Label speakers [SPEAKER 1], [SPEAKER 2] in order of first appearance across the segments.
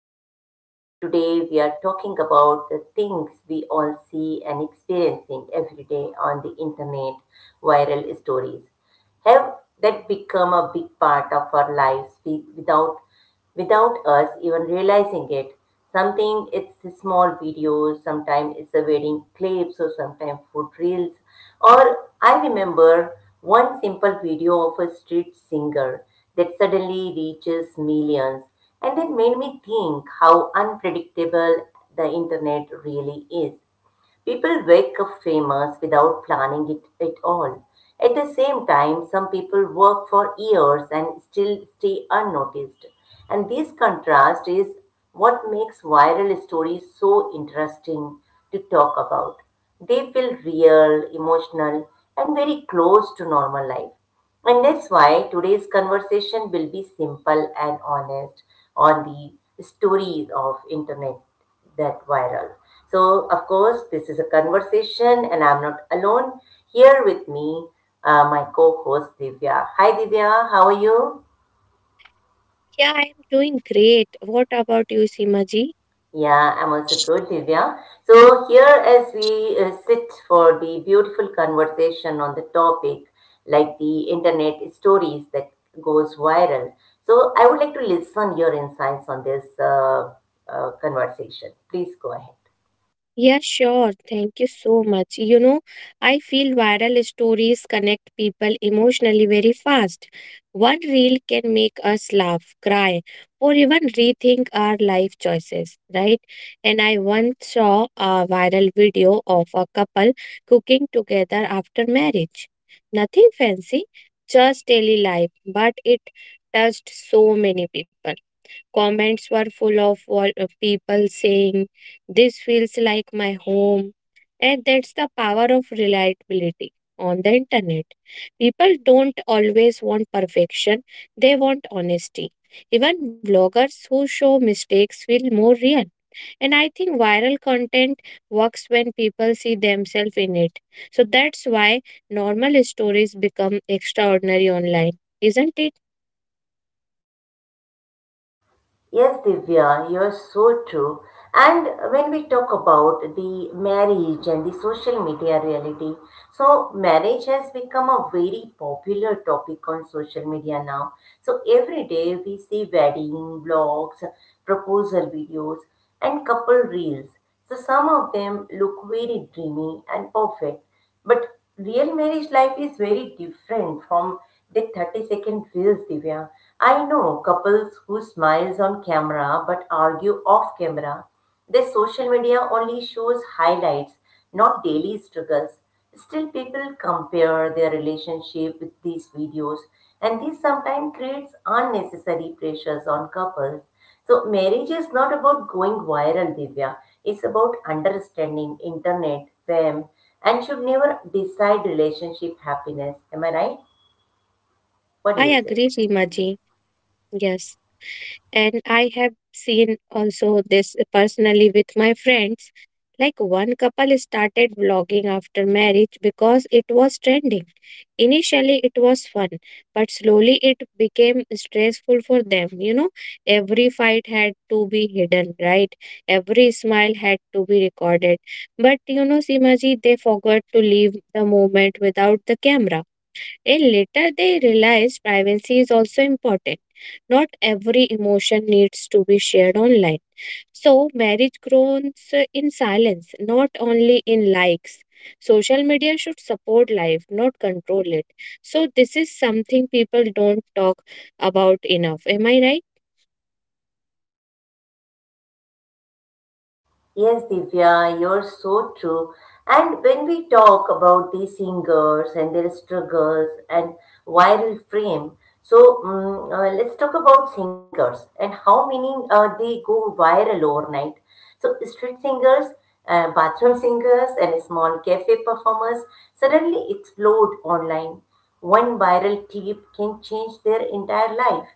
[SPEAKER 1] listening. Today, we are talking about the things we all see and experiencing every day on the internet, viral stories have that become a big part of our lives without us even realizing it. Something it's a small videos, sometimes it's a wedding clips, or sometimes food reels. Or I remember one simple video of a street singer that suddenly reaches millions, and that made me think how unpredictable the internet really is. People wake up famous without planning it at all. At the same time, some people work for years and still stay unnoticed. And this contrast is what makes viral stories so interesting to talk about. They feel real, emotional, and very close to normal life. And that's why today's conversation will be simple and honest on the stories of internet that viral. So, of course, this is a conversation and I'm not alone. Here with me, my co host Divya. Hi, Divya, how are you?
[SPEAKER 2] Yeah, I'm doing great. What about you, Simaji?
[SPEAKER 1] Yeah, I'm also good, Divya. So, here as we sit for the beautiful conversation on the topic, like the internet stories that goes viral. So, I would like to listen your insights on this conversation. Please go ahead.
[SPEAKER 2] Yeah, sure. Thank you so much. You know, I feel viral stories connect people emotionally very fast. One reel can make us laugh, cry, or even rethink our life choices, right? And I once saw a viral video of a couple cooking together after marriage. Nothing fancy, just daily life, but it touched so many people. Comments were full of people saying, this feels like my home. And that's the power of reliability on the internet. People don't always want perfection, they want honesty. Even bloggers who show mistakes feel more real. And I think viral content works when people see themselves in it. So that's why normal stories become extraordinary online, isn't it?
[SPEAKER 1] Yes, Divya, you're so true. And when we talk about the marriage and the social media reality, so marriage has become a very popular topic on social media now. So every day we see wedding blogs, proposal videos, and couple reels. So some of them look very dreamy and perfect, but real marriage life is very different from the 30-second reels, Divya. I know couples who smiles on camera but argue off camera. Their social media only shows highlights, not daily struggles. Still, people compare their relationship with these videos, and this sometimes creates unnecessary pressures on couples. So marriage is not about going viral, Divya. It's about understanding internet, fame, and should never decide relationship happiness. Am I right? What do
[SPEAKER 2] I
[SPEAKER 1] you say?
[SPEAKER 2] agree, Shimaji. Yes. And I have seen also this personally with my friends. Like one couple started vlogging after marriage because it was trending. Initially, it was fun, but slowly it became stressful for them. You know, every fight had to be hidden, right? Every smile had to be recorded. But you know, Simaji, they forgot to leave the moment without the camera, and later they realize privacy is also important. Not every emotion needs to be shared online. So marriage grows in silence, not only in likes. Social media should support life, not control it. So this is something people don't talk about enough. Am I right?
[SPEAKER 1] Yes, Divya, you're so true. And when we talk about these singers and their struggles and viral fame, so let's talk about singers and how many they go viral overnight. So street singers, bathroom singers, and small cafe performers suddenly explode online. One viral clip can change their entire life.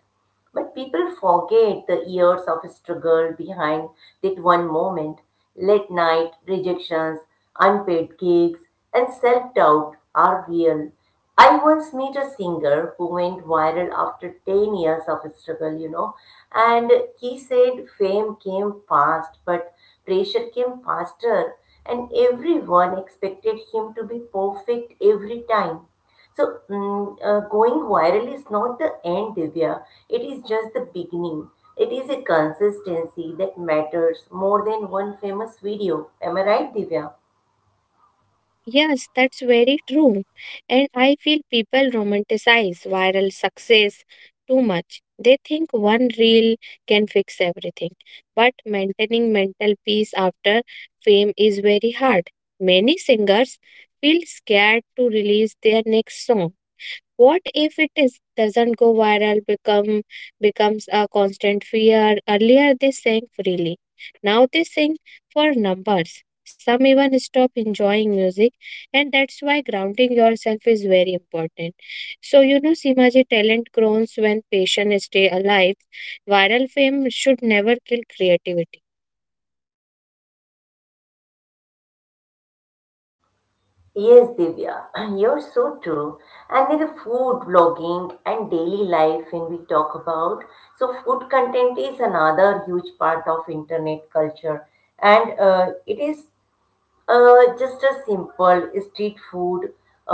[SPEAKER 1] But people forget the years of struggle behind that one moment, late night rejections, unpaid gigs, and self doubt are real. I once met a singer who went viral after 10 years of struggle, you know, and he said fame came fast, but pressure came faster, and everyone expected him to be perfect every time. So, going viral is not the end, Divya. It is just the beginning. It is a consistency that matters more than one famous video. Am I right, Divya?
[SPEAKER 2] Yes, that's very true. And I feel people romanticize viral success too much. They think one reel can fix everything. But maintaining mental peace after fame is very hard. Many singers feel scared to release their next song, what if it is doesn't go viral becomes a constant fear? Earlier they sang freely. Now they sing for numbers. Some even stop enjoying music, and that's why grounding yourself is very important. So you know, Simaji, talent grows when passion stay alive. Viral fame should never kill creativity.
[SPEAKER 1] Yes, Divya, you're so true. And in the food blogging and daily life, when we talk about, so food content is another huge part of internet culture, and it is just a simple street food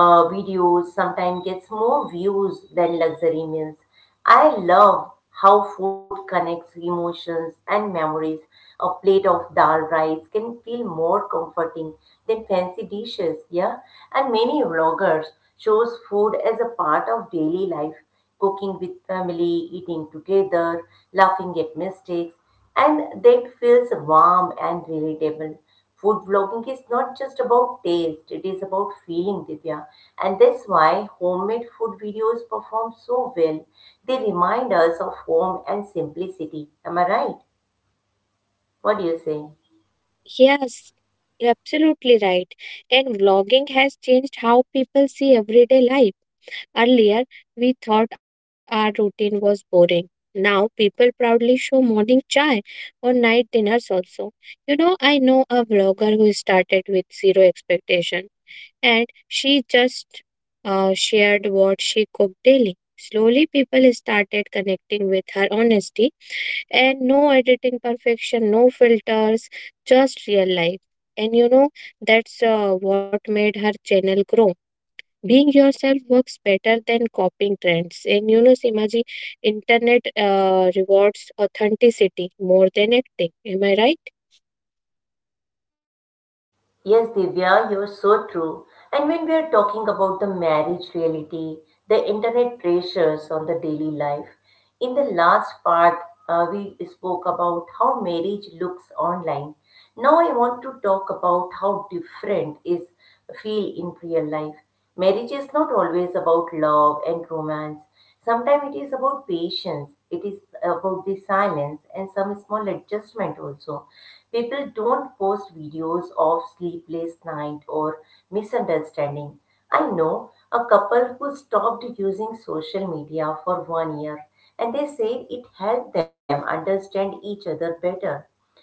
[SPEAKER 1] videos sometimes gets more views than luxury meals. I love how food connects emotions and memories. A plate of dal rice can feel more comforting than fancy dishes, yeah? And many vloggers shows food as a part of daily life, cooking with family, eating together, laughing at mistakes, and that feels warm and relatable. Food blogging is not just about taste, it is about feeling, Divya. And that's why homemade food videos perform so well. They remind us of home and simplicity. Am I right? What do you say?
[SPEAKER 2] Yes, you're absolutely right. And vlogging has changed how people see everyday life. Earlier, we thought our routine was boring. Now, people proudly show morning chai or night dinners also. You know, I know a vlogger who started with zero expectation, and she just shared what she cooked daily. Slowly, people started connecting with her honesty and no editing perfection, no filters, just real life. And you know, that's what made her channel grow. Being yourself works better than copying trends. And you know, Simaji, internet rewards authenticity more than acting. Am I right?
[SPEAKER 1] Yes, Divya, you're so true. And when we are talking about the marriage reality, the internet pressures on the daily life, in the last part, we spoke about how marriage looks online. Now I want to talk about how different is feel in real life. Marriage is not always about love and romance. Sometimes it is about patience, it is about the silence and some small adjustment also. People don't post videos of sleepless night or misunderstanding. I know a couple who stopped using social media for 1 year, and they said it helped them understand each other better,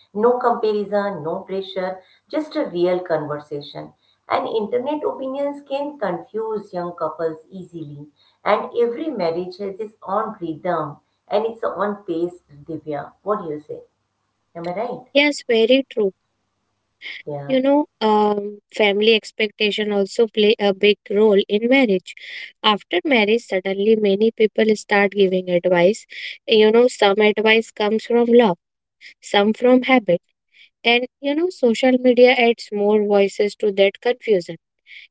[SPEAKER 1] no comparison, no pressure, just a real conversation. And internet opinions can confuse young couples easily, and every marriage has its own rhythm and its own pace. Divya, what do you say? Am I right?
[SPEAKER 2] Yes, very true. You
[SPEAKER 1] Yeah.
[SPEAKER 2] know, family expectation also play a big role in marriage. After marriage suddenly many people start giving advice. You know, some advice comes from love, some from habit, and you know, social media adds more voices to that confusion.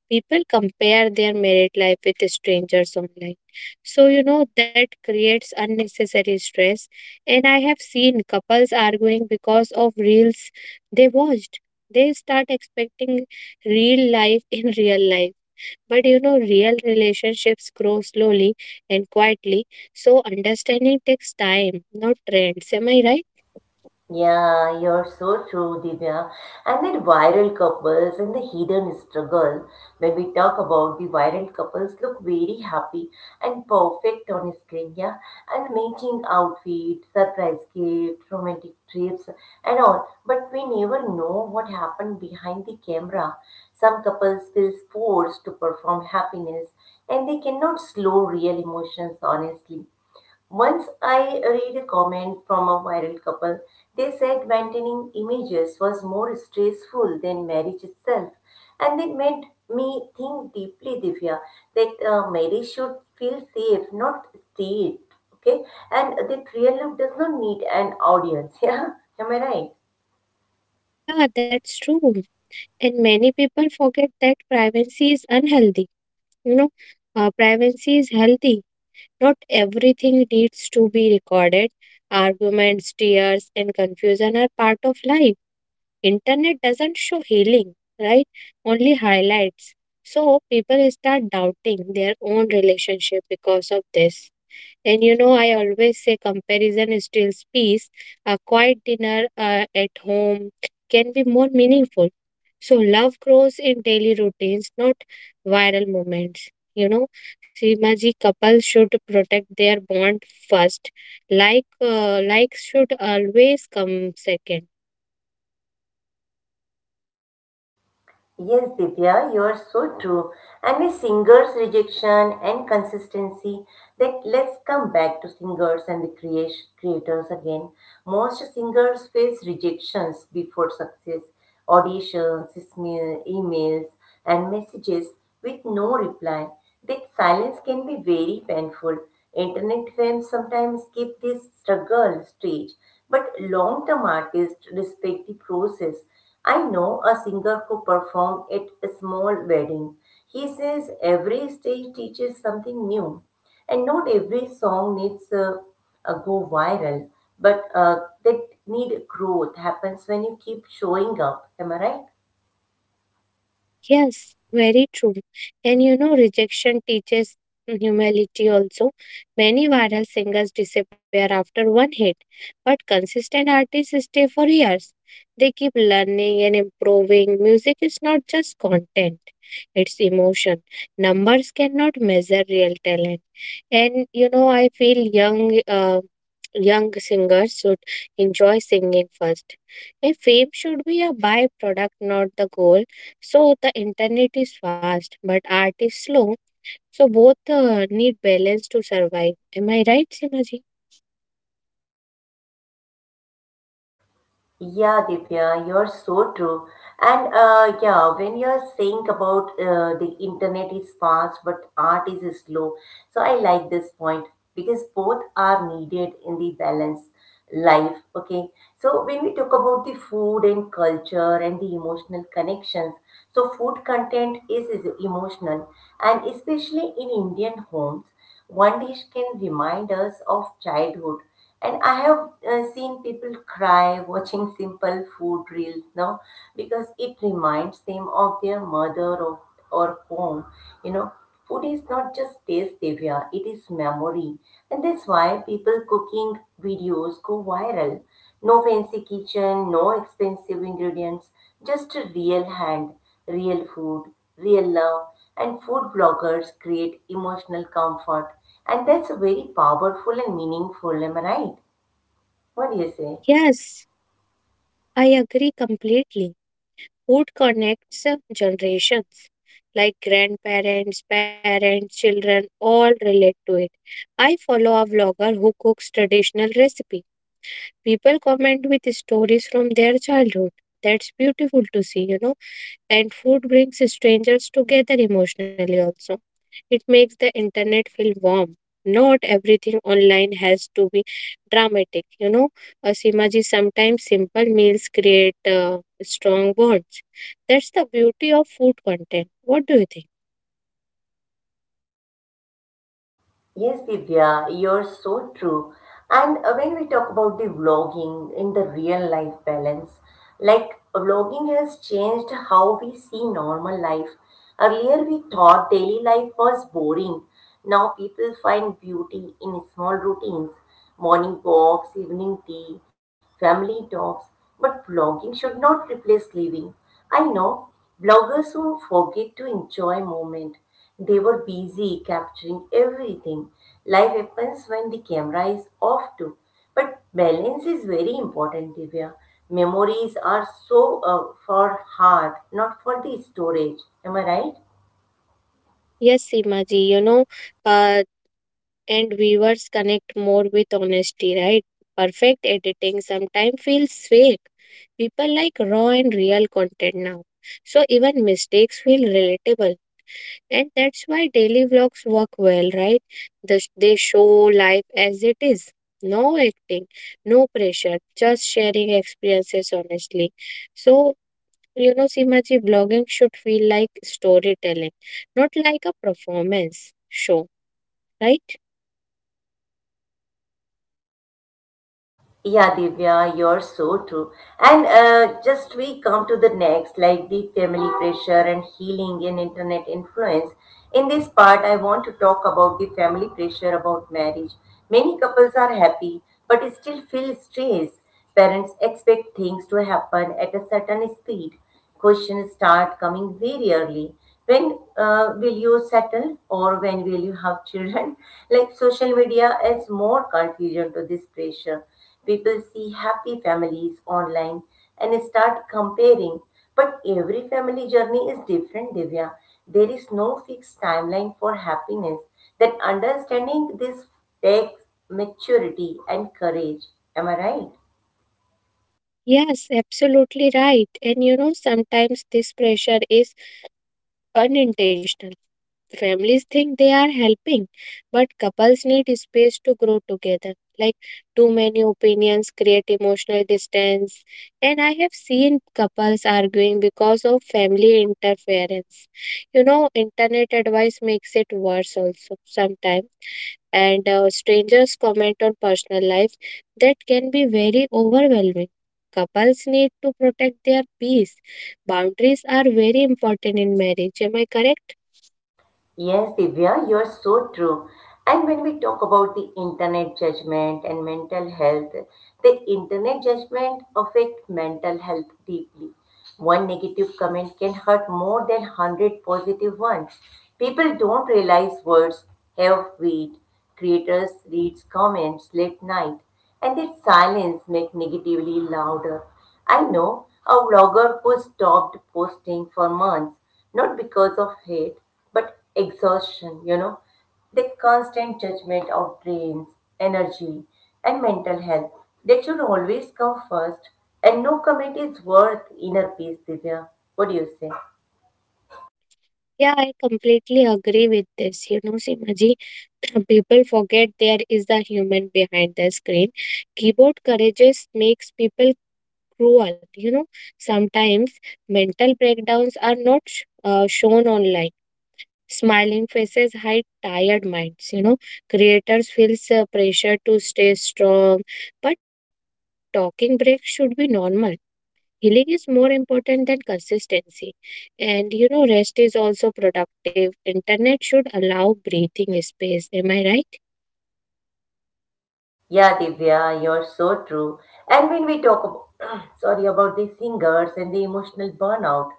[SPEAKER 2] People compare their married life with strangers online. So, you know, that creates unnecessary stress. And I have seen couples arguing because of reels they watched. They start expecting real life in real life. But you know, real relationships grow slowly and quietly. So, understanding takes time, not trends. Am I right?
[SPEAKER 1] Yeah, you're so true, Divya. And then viral couples and the hidden struggle. When we talk about the viral couples, look very happy and perfect on screen, yeah. And matching outfits, surprise gifts, romantic trips, and all. But we never know what happened behind the camera. Some couples feel forced to perform happiness, and they cannot slow real emotions honestly. Once I read a comment from a viral couple. They said maintaining images was more stressful than marriage itself. And it made me think deeply, Divya, that marriage should feel safe, not staged. Okay? And that real love does not need an audience. Yeah? Am I right?
[SPEAKER 2] Yeah, that's true. And many people forget that privacy is unhealthy. You know, privacy is healthy. Not everything needs to be recorded. Arguments, tears, and confusion are part of life. Internet doesn't show healing, right? Only highlights. So people start doubting their own relationship because of this. And you know, I always say comparison steals peace. A quiet dinner at home can be more meaningful. So, love grows in daily routines, not viral moments. You know, Simaji, couples should protect their bond first. Like, likes should always come second.
[SPEAKER 1] Yes, Divya, you are so true. And a singer's rejection and consistency. That let's come back to singers and creators again. Most singers face rejections before success, auditions, emails, and messages with no reply. That silence can be very painful. Internet fame sometimes keep this struggle stage, but long-term artists respect the process. I know a singer who performed at a small wedding. He says every stage teaches something new, and not every song needs a go viral, but that need growth happens when you keep showing up. Am I right?
[SPEAKER 2] Yes, very true. And you know, rejection teaches humility also. Many viral singers disappear after one hit, but consistent artists stay for years. They keep learning and improving. Music is not just content, it's emotion. Numbers cannot measure real talent. And you know, I feel young singers should enjoy singing first. And fame should be a byproduct, not the goal. So the internet is fast, but art is slow. So both need balance to survive. Am I right, Simaji?
[SPEAKER 1] Yeah, Divya, you're so true. And yeah, when you're saying about the internet is fast but art is slow, so I like this point because both are needed in the balanced life. Okay, so when we talk about the food and culture and the emotional connections, so food content is emotional, and especially in Indian homes. One dish can remind us of childhood. And I have seen people cry watching simple food reels now because it reminds them of their mother or home. You know, food is not just taste, Divya, it is memory. And that's why people cooking videos go viral. No fancy kitchen, no expensive ingredients, just a real hand. Real food, real love, and food bloggers create emotional comfort, and that's very powerful and meaningful. Am I right? What do you say?
[SPEAKER 2] Yes, I agree completely. Food connects generations, like grandparents, parents, children, all relate to it. I follow a vlogger who cooks traditional recipe. People comment with stories from their childhood. That's beautiful to see, you know. And food brings strangers together emotionally also. It makes the internet feel warm. Not everything online has to be dramatic, you know. Simaji, sometimes simple meals create strong bonds. That's the beauty of food content. What do you think?
[SPEAKER 1] Yes, Divya, you're so true. And when we talk about the vlogging in the real life balance, like vlogging has changed how we see normal life. Earlier, we thought daily life was boring. Now, people find beauty in small routines, morning walks, evening tea, family talks. But vlogging should not replace living. I know bloggers who forget to enjoy moment, they were busy capturing everything. Life happens when the camera is off too. But balance is very important, Divya. Memories are so for heart, not for the storage. Am I right?
[SPEAKER 2] Yes, Simaji, you know, uh, and viewers connect more with honesty, right? Perfect editing sometimes feels fake. People like raw and real content now. So even mistakes feel relatable. And that's why daily vlogs work well, right? They show life as it is. No acting, no pressure, just sharing experiences honestly. So, you know, Simaji, blogging should feel like storytelling, not like a performance show, right?
[SPEAKER 1] Yeah, Divya, you're so true. And just we come to the next, like the family pressure and healing and internet influence. In this part, I want to talk about the family pressure about marriage. Many couples are happy, but still feel stress. Parents expect things to happen at a certain speed. Questions start coming very early. When will you settle or when will you have children? Like social media adds more confusion to this pressure. People see happy families online and start comparing. But every family journey is different, Divya. There is no fixed timeline for happiness. That understanding this takes maturity and courage. Am I right?
[SPEAKER 2] Yes, absolutely right. And you know, sometimes this pressure is unintentional. Families think they are helping, but couples need space to grow together. Like too many opinions create emotional distance, and I have seen couples arguing because of family interference. You know, internet advice makes it worse also sometimes, and strangers comment on personal life that can be very overwhelming. Couples need to protect their peace. Boundaries are very important in marriage. Am I correct?
[SPEAKER 1] Yes, Divya, you are so true. And when we talk about the internet judgment and mental health, the internet judgment affect mental health deeply. One negative comment can hurt more than 100 positive ones. People don't realize words have weight. Creators reads comments late night, and that silence make negatively louder. I know a vlogger who stopped posting for months, not because of hate, but exhaustion, you know. The constant judgment of brains, energy, and mental health, they should always come first, and no comment is worth inner peace, Divya. What do you say?
[SPEAKER 2] Yeah, I completely agree with this. You know, Simaji, people forget there is a human behind the screen. Keyboard courageous makes people cruel. You know, sometimes mental breakdowns are not shown online. Smiling faces hide tired minds. You know, creators feels pressure to stay strong, but talking breaks should be normal. Healing is more important than consistency. And you know, rest is also productive. Internet should allow breathing space. Am I right?
[SPEAKER 1] Yeah, Divya, you're so true. And when we talk about, sorry, about the singers and the emotional burnout,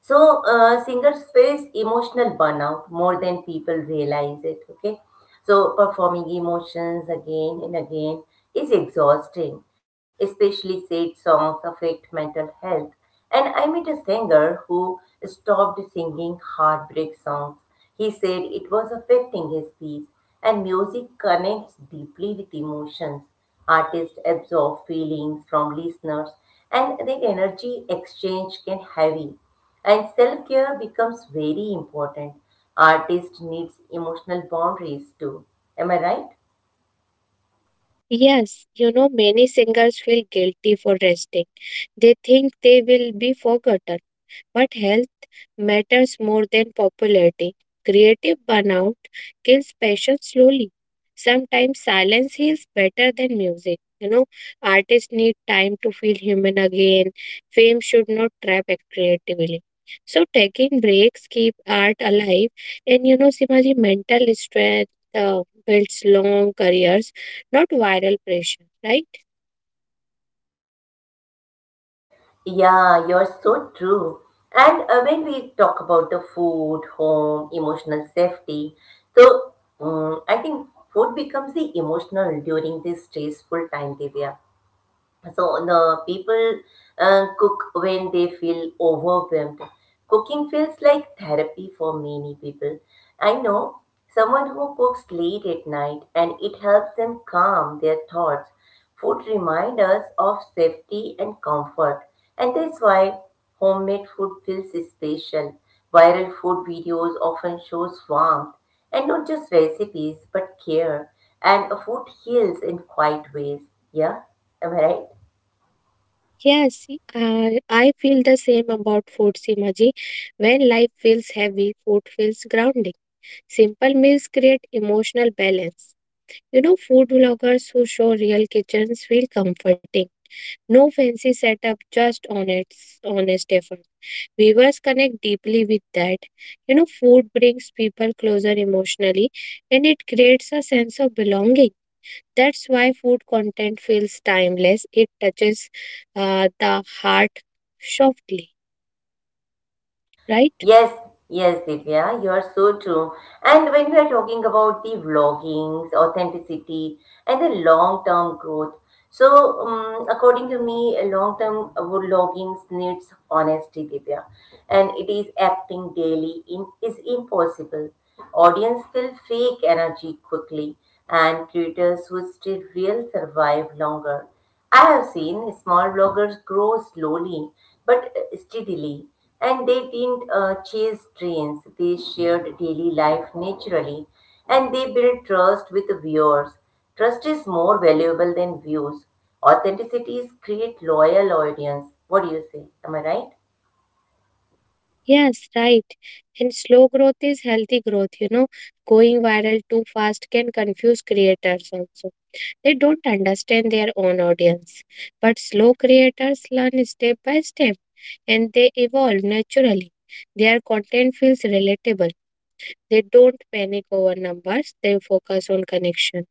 [SPEAKER 1] so singers face emotional burnout more than people realize it. Okay, so performing emotions again and again is exhausting. Especially sad songs affect mental health. And I met a singer who stopped singing heartbreak songs. He said it was affecting his peace. And music connects deeply with emotions. Artists absorb feelings from listeners, and that energy exchange can heavy. And self care becomes very important. Artist needs emotional boundaries too. Am I right?
[SPEAKER 2] Yes, you know, many singers feel guilty for resting. They think they will be forgotten. But health matters more than popularity. Creative burnout kills passion slowly. Sometimes silence heals better than music. You know, artists need time to feel human again. Fame should not creatively. So taking breaks keep art alive, and you know, Simaji, mental strength builds long careers, not viral pressure, right?
[SPEAKER 1] Yeah, you're so true. And when we talk about the food, home, emotional safety, so I think food becomes the emotional during this stressful time, Divya. So the people cook when they feel overwhelmed. Cooking feels like therapy for many people. I know someone who cooks late at night and it helps them calm their thoughts. Food reminds us of safety and comfort, and that's why homemade food feels special. Viral food videos often shows warmth and not just recipes but care, and food heals in quiet ways. Yeah, am I right?
[SPEAKER 2] Yes, I feel the same about food, Simaji. When life feels heavy, food feels grounding. Simple meals create emotional balance. You know, food vloggers who show real kitchens feel comforting. No fancy setup, just honest, honest effort. Viewers connect deeply with that. You know, food brings people closer emotionally and it creates a sense of belonging. That's why food content feels timeless. It touches the heart softly, right?
[SPEAKER 1] Yes, yes, Divya, you are so true. And when we are talking about the vloggings, authenticity, and the long-term growth, according to me, a long-term vloggings needs honesty, Divya, and it is acting daily in is impossible. Audience will fake energy quickly, and creators who stay real survive longer. I have seen small bloggers grow slowly but steadily, and they didn't chase trends. They shared daily life naturally, and they built trust with viewers. Trust is more valuable than views. Authenticities create loyal audience. What do you say? Am I right?
[SPEAKER 2] Yes, right. And slow growth is healthy growth. You know, going viral too fast can confuse creators also. They don't understand their own audience. But slow creators learn step by step and they evolve naturally. Their content feels relatable. They don't panic over numbers, they focus on connection.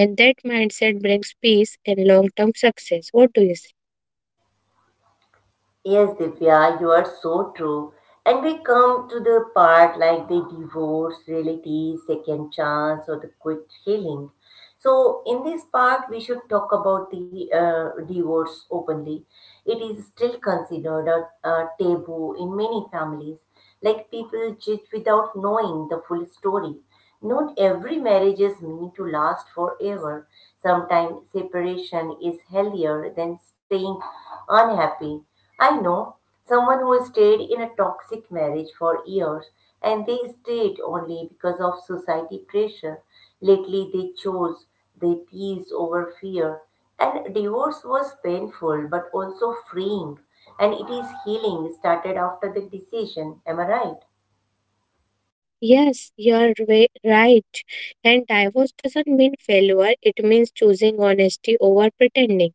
[SPEAKER 2] And that mindset brings peace and long term success. What do you say?
[SPEAKER 1] Yes, Divya, you are so true. And we come to the part like the divorce, reality, second chance, or the quick healing. So, in this part, we should talk about the divorce openly. It is still considered a taboo in many families. Like people judge without knowing the full story. Not every marriage is meant to last forever. Sometimes separation is healthier than staying unhappy. I know someone who stayed in a toxic marriage for years and they stayed only because of society pressure. Lately, they chose their peace over fear. And divorce was painful but also freeing, and it is healing started after the decision. Am I right?
[SPEAKER 2] Yes, you're right. And divorce doesn't mean failure, it means choosing honesty over pretending.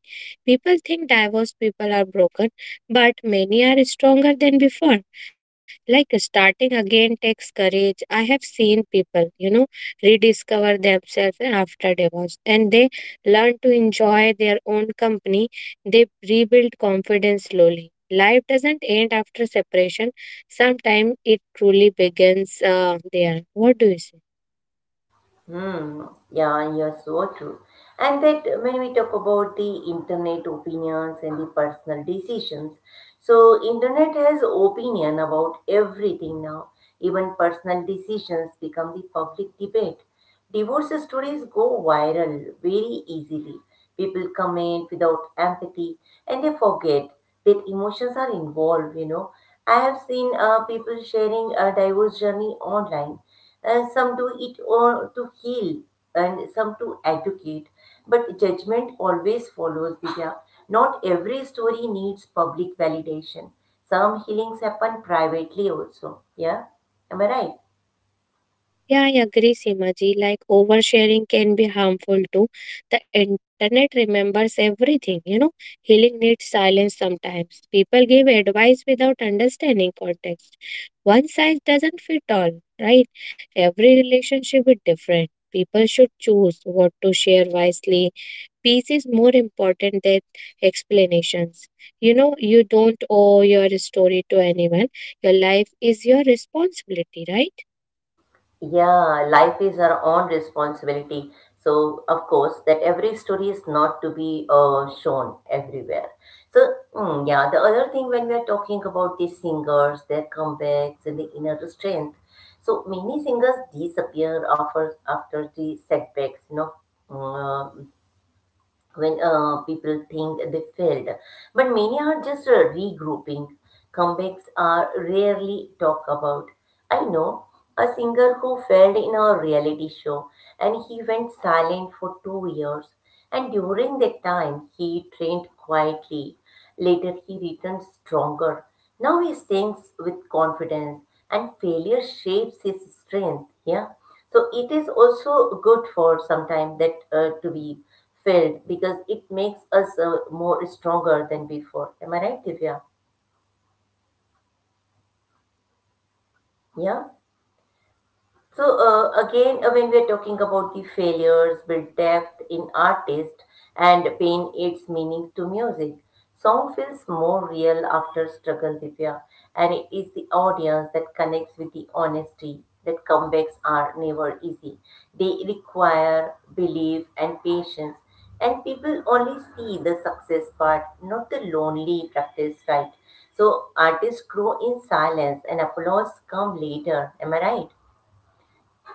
[SPEAKER 2] People think divorced people are broken, but many are stronger than before. Like starting again takes courage. I have seen people, you know, rediscover themselves after divorce, and they learn to enjoy their own company. They rebuild confidence slowly. Life doesn't end after separation. Sometimes it truly begins there. What do you say?
[SPEAKER 1] Hmm. Yeah, you're so true. And that when we talk about the internet opinions and the personal decisions, so internet has opinion about everything now. Even personal decisions become the public debate. Divorce stories go viral very easily. People comment without empathy and they forget that emotions are involved. I have seen people sharing a divorce journey online some do it or to heal and some to educate. But judgment always follows, Vidya. Not every story needs public validation. Some healings happen privately also. Yeah? Am I right?
[SPEAKER 2] Yeah, I agree, Simaji. Like oversharing can be harmful too. The internet remembers everything, you know. Healing needs silence sometimes. People give advice without understanding context. One size doesn't fit all, right? Every relationship is different. People should choose what to share wisely. Peace is more important than explanations. You know, you don't owe your story to anyone. Your life is your responsibility, right?
[SPEAKER 1] Yeah, life is our own responsibility. So, of course, that every story is not to be shown everywhere. So, yeah, the other thing when we are talking about these singers, their comebacks, and the inner strength. So, many singers disappear after the setbacks, you know, Mm, when people think they failed. But many are just regrouping. Comebacks are rarely talked about. I know a singer who failed in a reality show and he went silent for 2 years. And during that time, he trained quietly. Later, he returned stronger. Now he sings with confidence, and failure shapes his strength. Yeah. So it is also good for sometime that to be felt because it makes us more stronger than before. Am I right, Divya?
[SPEAKER 2] Yes, very true, Simaji. And
[SPEAKER 1] Yeah.
[SPEAKER 2] failure builds depth in
[SPEAKER 1] So
[SPEAKER 2] artist, you
[SPEAKER 1] uh,
[SPEAKER 2] know?
[SPEAKER 1] again, uh, when we are talking about the failures, build depth in artist and pain its meaning to music. Song feels more real after struggle, Divya, and it is the audience that connects with the honesty that comebacks are never easy. They require belief and patience, and people only see the success part, not the lonely practice, right? So artists grow in silence, and applause come later. Am I right?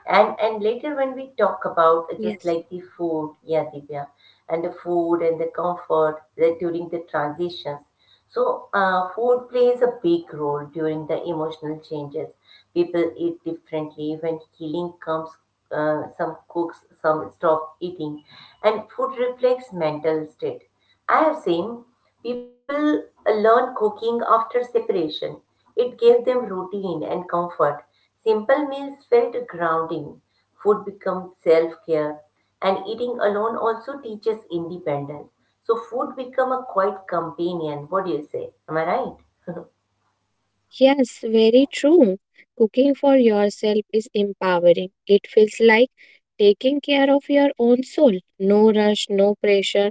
[SPEAKER 1] And later when we talk about just
[SPEAKER 2] Yes.
[SPEAKER 1] like the food, yeah, Divya, and the food and the comfort that during the transitions. So food plays a big role during the emotional changes. People eat differently when healing comes. Some cooks, some stop eating, and food reflects mental state. I have seen people learn cooking after separation. It gave them routine and comfort. Simple meals felt grounding, food becomes self care, and eating alone also teaches independence. So, food become a quiet companion. What do you say? Am I right?
[SPEAKER 2] Yes, very true. Cooking for yourself is empowering. It feels like taking care of your own soul. No rush, no pressure,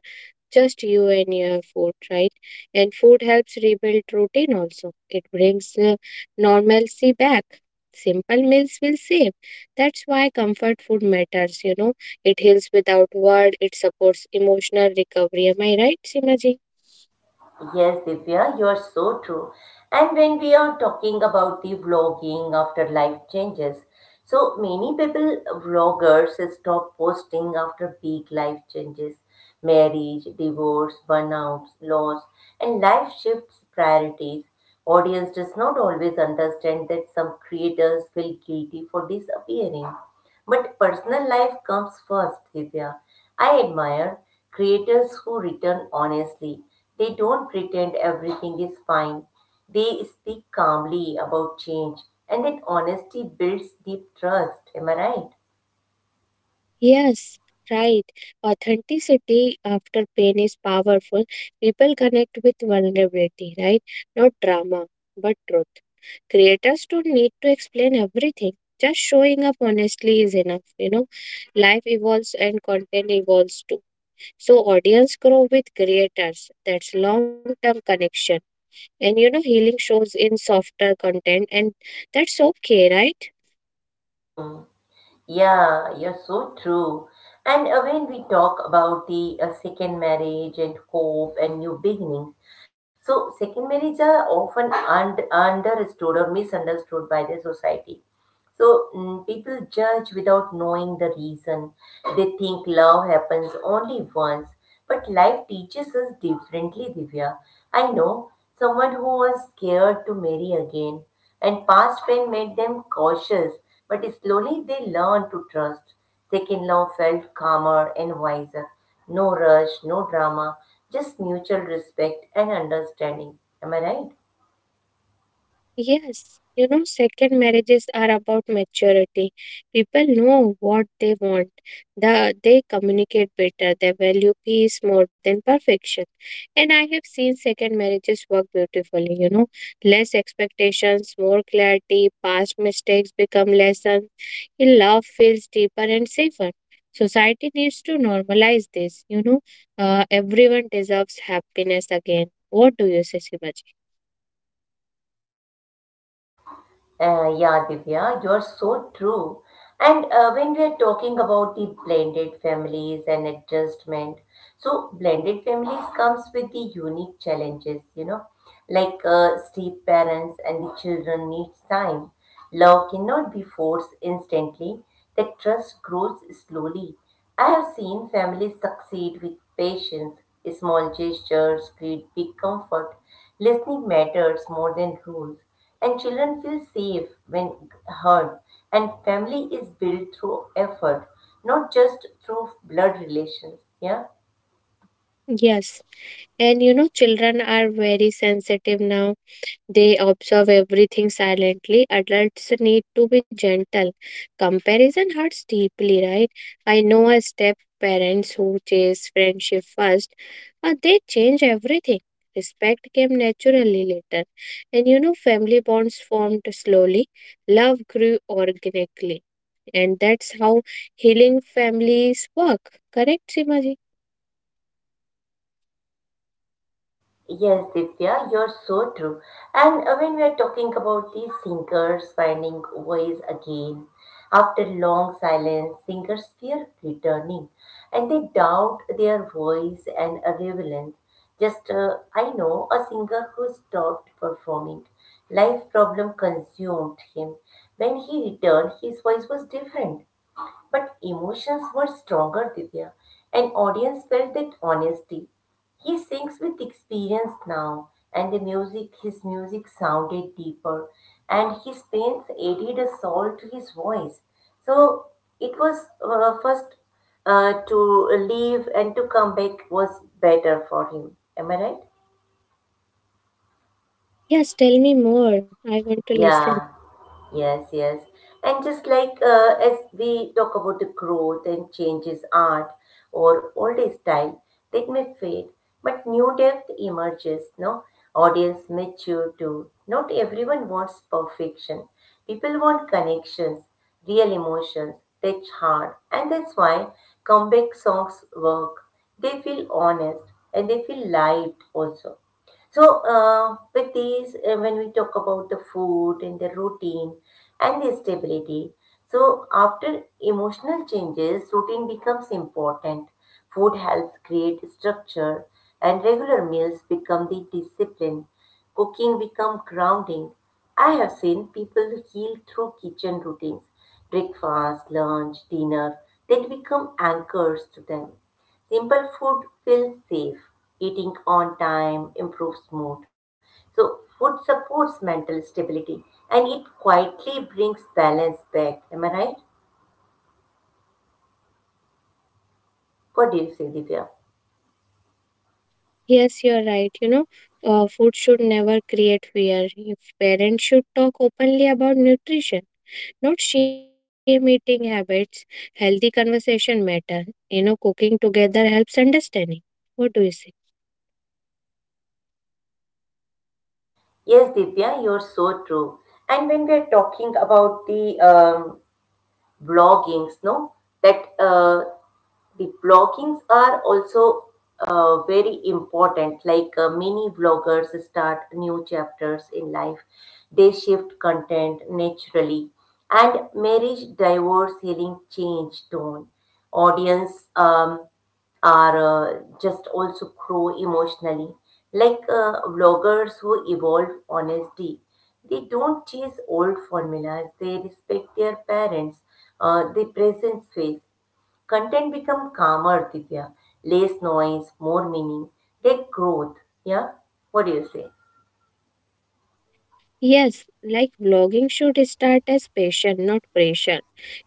[SPEAKER 2] just you and your food, right? And food helps rebuild routine also. It brings normalcy back. Simple meals will save. That's why comfort food matters, you know. It heals without word, it supports emotional recovery. Am I right, Simaji?
[SPEAKER 1] Yes, Divya, you're so true. And when we are talking about the vlogging after life changes, so many people, vloggers, stop posting after big life changes, marriage, divorce, burnouts, loss, and life shifts priorities. Audience does not always understand that some creators feel guilty for disappearing but personal life comes first, Divya. I admire creators who return honestly. They don't pretend everything is fine. They speak calmly about change, and that honesty builds deep trust. Am I right?
[SPEAKER 2] Yes, right. Authenticity after pain is powerful. People connect with vulnerability, right? Not drama, but truth. Creators don't need to explain everything. Just showing up honestly is enough. You know, life evolves and content evolves too. So audience grow with creators. That's long term connection. And you know, healing shows in softer content and that's okay, right?
[SPEAKER 1] Yeah, you're so true. And when we talk about the second marriage and hope and new beginnings, so second marriages are often understood or misunderstood by the society. So people judge without knowing the reason. They think love happens only once. But life teaches us differently, Divya. I know someone who was scared to marry again, and past pain made them cautious, but slowly they learned to trust. Second love felt calmer and wiser. No rush, no drama, just mutual respect and understanding. Am I right?
[SPEAKER 2] Yes, you know, second marriages are about maturity. People know what they want. They communicate better. They value peace more than perfection. And I have seen second marriages work beautifully, you know, less expectations, more clarity, past mistakes become lessons. And love feels deeper and safer. Society needs to normalize this, you know. Everyone deserves happiness again. What do you say, Shivaji?
[SPEAKER 1] Yeah, Divya, you're so true. And when we are talking about the blended families and adjustment, so blended families comes with the unique challenges, you know, like step parents and the children needs time. Love cannot be forced instantly. The trust grows slowly. I have seen families succeed with patience. Small gestures create big comfort. Listening matters more than rules. And children feel safe when heard. And family is built through effort, not just through blood relations. Yeah.
[SPEAKER 2] Yes. And you know, children are very sensitive now. They observe everything silently. Adults need to be gentle. Comparison hurts deeply, right? I know a step parents who chase friendship first, they change everything. Respect came naturally later. And you know, family bonds formed slowly. Love grew organically. And that's how healing families work. Correct, Simaji?
[SPEAKER 1] Yes, Ditya, you're so true. And when we are talking about these singers finding voice again, after long silence, singers fear returning and they doubt their voice and relevance. I know a singer who stopped performing. Life problem consumed him. When he returned, his voice was different. But emotions were stronger, Divya, and audience felt that honesty. He sings with experience now, and the music, his music sounded deeper, and his pains added a soul to his voice. So it was first to leave and to come back was better for him. Am I right?
[SPEAKER 2] Yes, tell me more. I want to listen.
[SPEAKER 1] Yeah. Yes, yes. And just like as we talk about the growth and changes art or old style, that may fade, but new depth emerges, no? Audience mature too. Not everyone wants perfection. People want connections, real emotions, touch heart. And that's why comeback songs work. They feel honest and they feel lived also. So, with these, when we talk about the food and the routine and the stability, so after emotional changes, routine becomes important. Food helps create structure, and regular meals become the discipline. Cooking become grounding. I have seen people heal through kitchen routines, breakfast, lunch, dinner, that become anchors to them. Simple food feels safe. Eating on time improves mood. So, food supports mental stability and it quietly brings balance back. Am I right? What do you say, Divya?
[SPEAKER 2] Yes, you're right. You know, food should never create fear. If parents should talk openly about nutrition, not shame eating habits. Healthy conversation matter. You know, cooking together helps understanding. What do you say?
[SPEAKER 1] Yes, Divya, you're so true. And when we are talking about the bloggings, no, that the bloggings are also very important, like many bloggers start new chapters in life. They shift content naturally, and marriage, divorce, healing change tone. Audience are just also grow emotionally, like bloggers who evolve honesty. They don't chase old formulas. They respect their parents, the present phase. Content become calmer, Divya, less noise, more meaning. They growth. Yeah, what do you say?
[SPEAKER 2] Yes, like vlogging should start as passion, not pressure,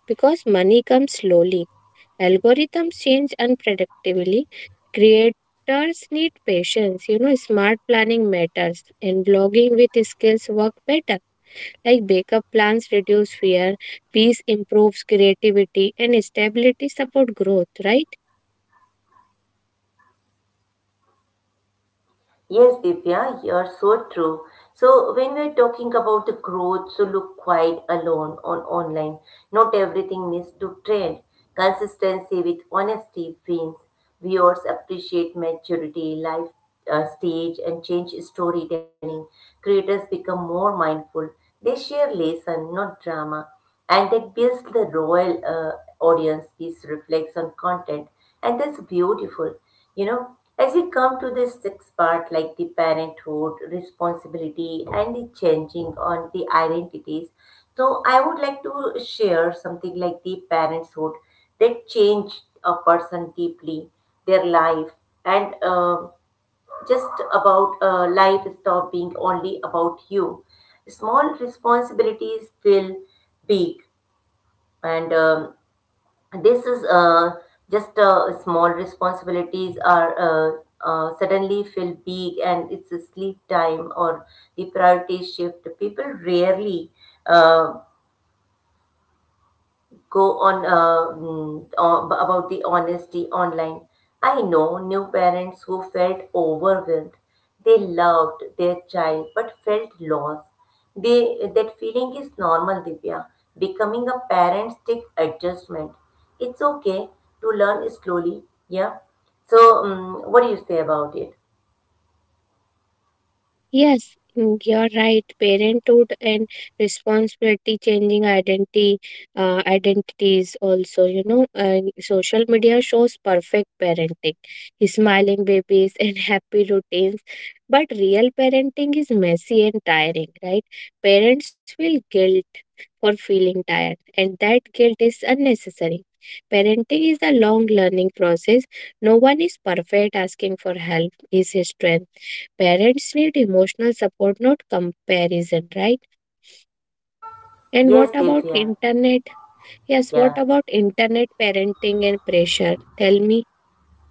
[SPEAKER 2] because money comes slowly. Algorithms change unpredictably. Creators need patience. You know, smart planning matters, and vlogging with skills work better. Like backup plans reduce fear, peace improves creativity, and stability support growth, right?
[SPEAKER 1] Yes, Divya, you're so true. So when we're talking about the growth, so look quite alone on online. Not everything needs to trend. Consistency with honesty wins. Viewers appreciate maturity, life stage, and change storytelling. Creators become more mindful. They share lesson, not drama, and that builds the royal audience. This reflects on content, and that's beautiful, you know. As we come to this sixth part like the parenthood responsibility and the changing on the identities, so I would like to share something like the parenthood that changed a person deeply, their life. And just about life stop being only about you, small responsibilities feel big. And this is just Small responsibilities are suddenly feel big, and it's a sleep time or the priority shift. People rarely uh, go on about the honesty online. I know new parents who felt overwhelmed. They loved their child but felt lost. They, that feeling is normal, Divya. Becoming a parent takes adjustment. It's okay to learn slowly. Yeah. So, what do you say about it?
[SPEAKER 2] Yes, mm, you're right. Parenthood and responsibility changing identity, identities also, you know, and social media shows perfect parenting, smiling babies and happy routines. But real parenting is messy and tiring, right? Parents feel guilty for feeling tired, and that guilt is unnecessary. Parenting is a long learning process. No one is perfect. Asking for help is a strength. Parents need emotional support, not comparison, right? And what
[SPEAKER 1] Yes,
[SPEAKER 2] about
[SPEAKER 1] Divya.
[SPEAKER 2] internet? Yes, what
[SPEAKER 1] Yeah.
[SPEAKER 2] about internet parenting and pressure? Tell me.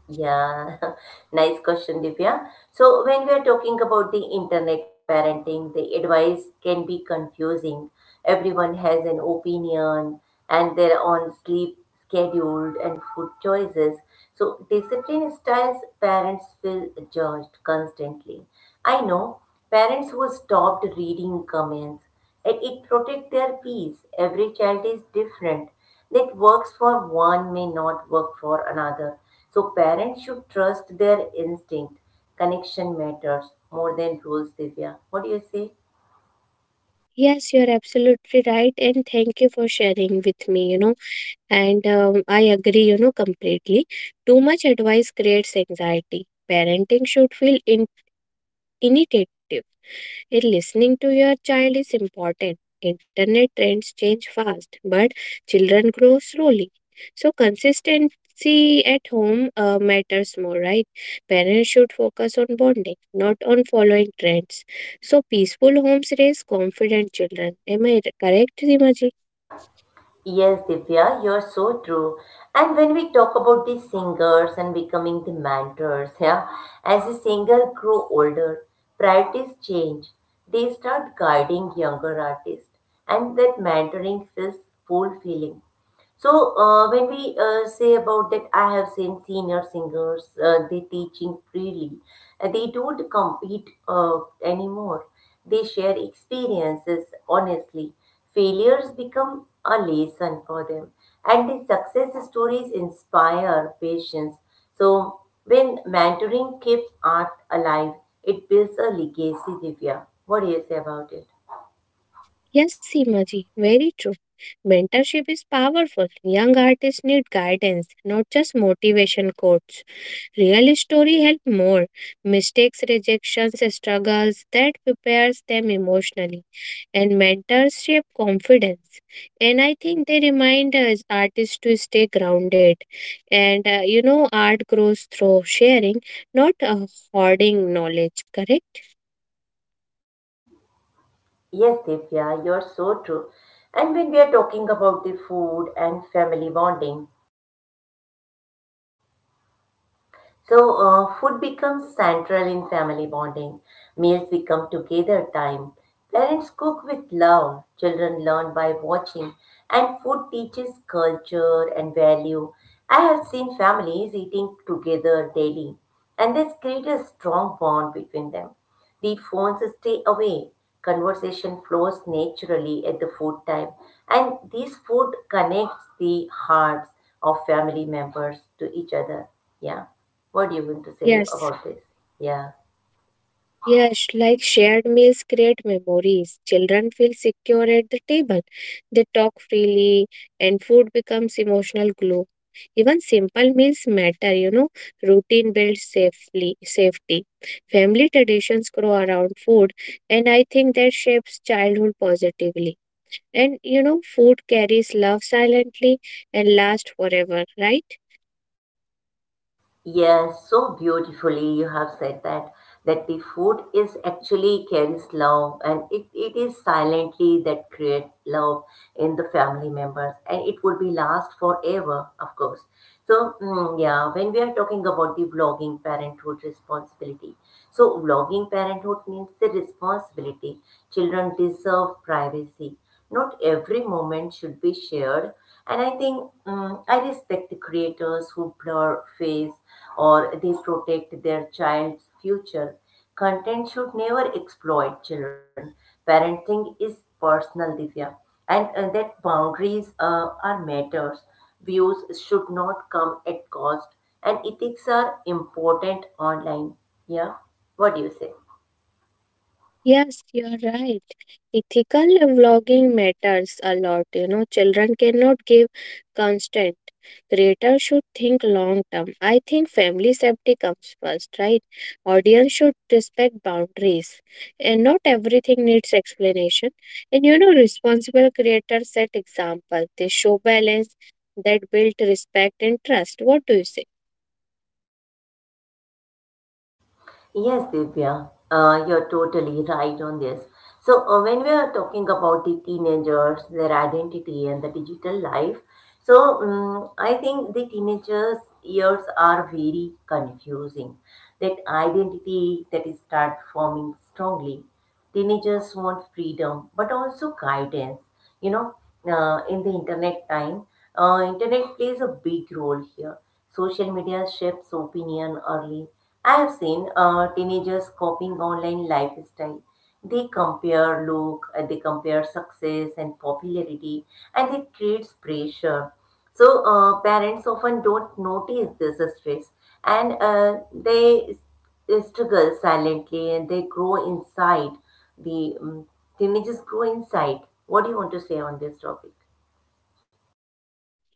[SPEAKER 1] Yeah, nice question, Divya. So, when we are talking about the internet parenting, the advice can be confusing. Everyone has an opinion and their own sleep schedule and food choices. So, discipline styles, parents feel judged constantly. I know parents who stopped reading comments and it protects their peace. Every child is different. That works for one may not work for another. So parents should trust their instinct. Connection matters more than rules, Divya. What do you say?
[SPEAKER 2] Yes, you're absolutely right, and thank you for sharing with me. You know, and I agree, you know, completely. Too much advice creates anxiety. Parenting should feel initiative in listening to your child is important. Internet trends change fast, but children grow slowly. So consistency at home matters more, right? Parents should focus on bonding, not on following trends. So peaceful homes raise confident children. Am I correct, Simaji?
[SPEAKER 1] Yes, Divya, you're so true. And when we talk about the singers and becoming the mentors, yeah, as the singer grow older, priorities change. They start guiding younger artists, and that mentoring feels fulfilling. So when we say about that, I have seen senior singers they teaching freely. They don't compete anymore. They share experiences honestly. Failures become a lesson for them, and the success stories inspire patience. So when mentoring keeps art alive, it builds a legacy. Divya, what do you say about it?
[SPEAKER 2] Yes, Simaji, very true. Mentorship is powerful. Young artists need guidance, not just motivation quotes. Real story help more. Mistakes, rejections, struggles that prepares them emotionally and mentors shape confidence. And I think they remind us artists to stay grounded. And you know, art grows through sharing, not hoarding knowledge, correct?
[SPEAKER 1] Yes, Divya, you're so true. And when we are talking about the food and family bonding. So, food becomes central in family bonding. Meals become together time. Parents cook with love. Children learn by watching. And food teaches culture and value. I have seen families eating together daily, and this creates a strong bond between them. The phones stay away. Conversation flows naturally at the food time, and this food connects the hearts of family members to each other. Yeah. What do you want to say
[SPEAKER 2] Yes.
[SPEAKER 1] about this? Yeah.
[SPEAKER 2] Yes, like shared meals create memories. Children feel secure at the table. They talk freely, and food becomes emotional glue. Even simple meals matter, you know. Routine builds safely safety. Family traditions grow around food, and I think that shapes childhood positively. And you know, food carries love silently and lasts forever, right?
[SPEAKER 1] Yes, so beautifully you have said that the food is actually carries love and it is silently that create love in the family members and it would be last forever, of course. So yeah, when we are talking about the vlogging parenthood responsibility. So vlogging parenthood means the responsibility. Children deserve privacy. Not every moment should be shared. And I think I respect the creators who blur face or they protect their child's future. Content should never exploit children. Parenting is personal, Divya, and that boundaries are matters. Views should not come at cost, and ethics are important online. Yeah, what do you say?
[SPEAKER 2] Yes, you're right. Ethical vlogging matters a lot. You know, children cannot give constant. Creators should think long term. I think family safety comes first, right? Audience should respect boundaries. And not everything needs explanation. And you know, responsible creators set example. They show balance that build respect and trust. What do you say?
[SPEAKER 1] Yes, Divya, you're totally right on this. So, when we are talking about the teenagers, their identity, and the digital life, so I think the teenagers' years are very confusing. That identity that is start forming strongly. Teenagers want freedom, but also guidance. You know, in the internet time, internet plays a big role here. Social media shapes opinion early. I have seen teenagers copying online lifestyle. They compare look, they compare success and popularity, and it creates pressure. So parents often don't notice this stress, and they struggle silently and they grow inside the um, they may grow inside. What do you want to say on this topic?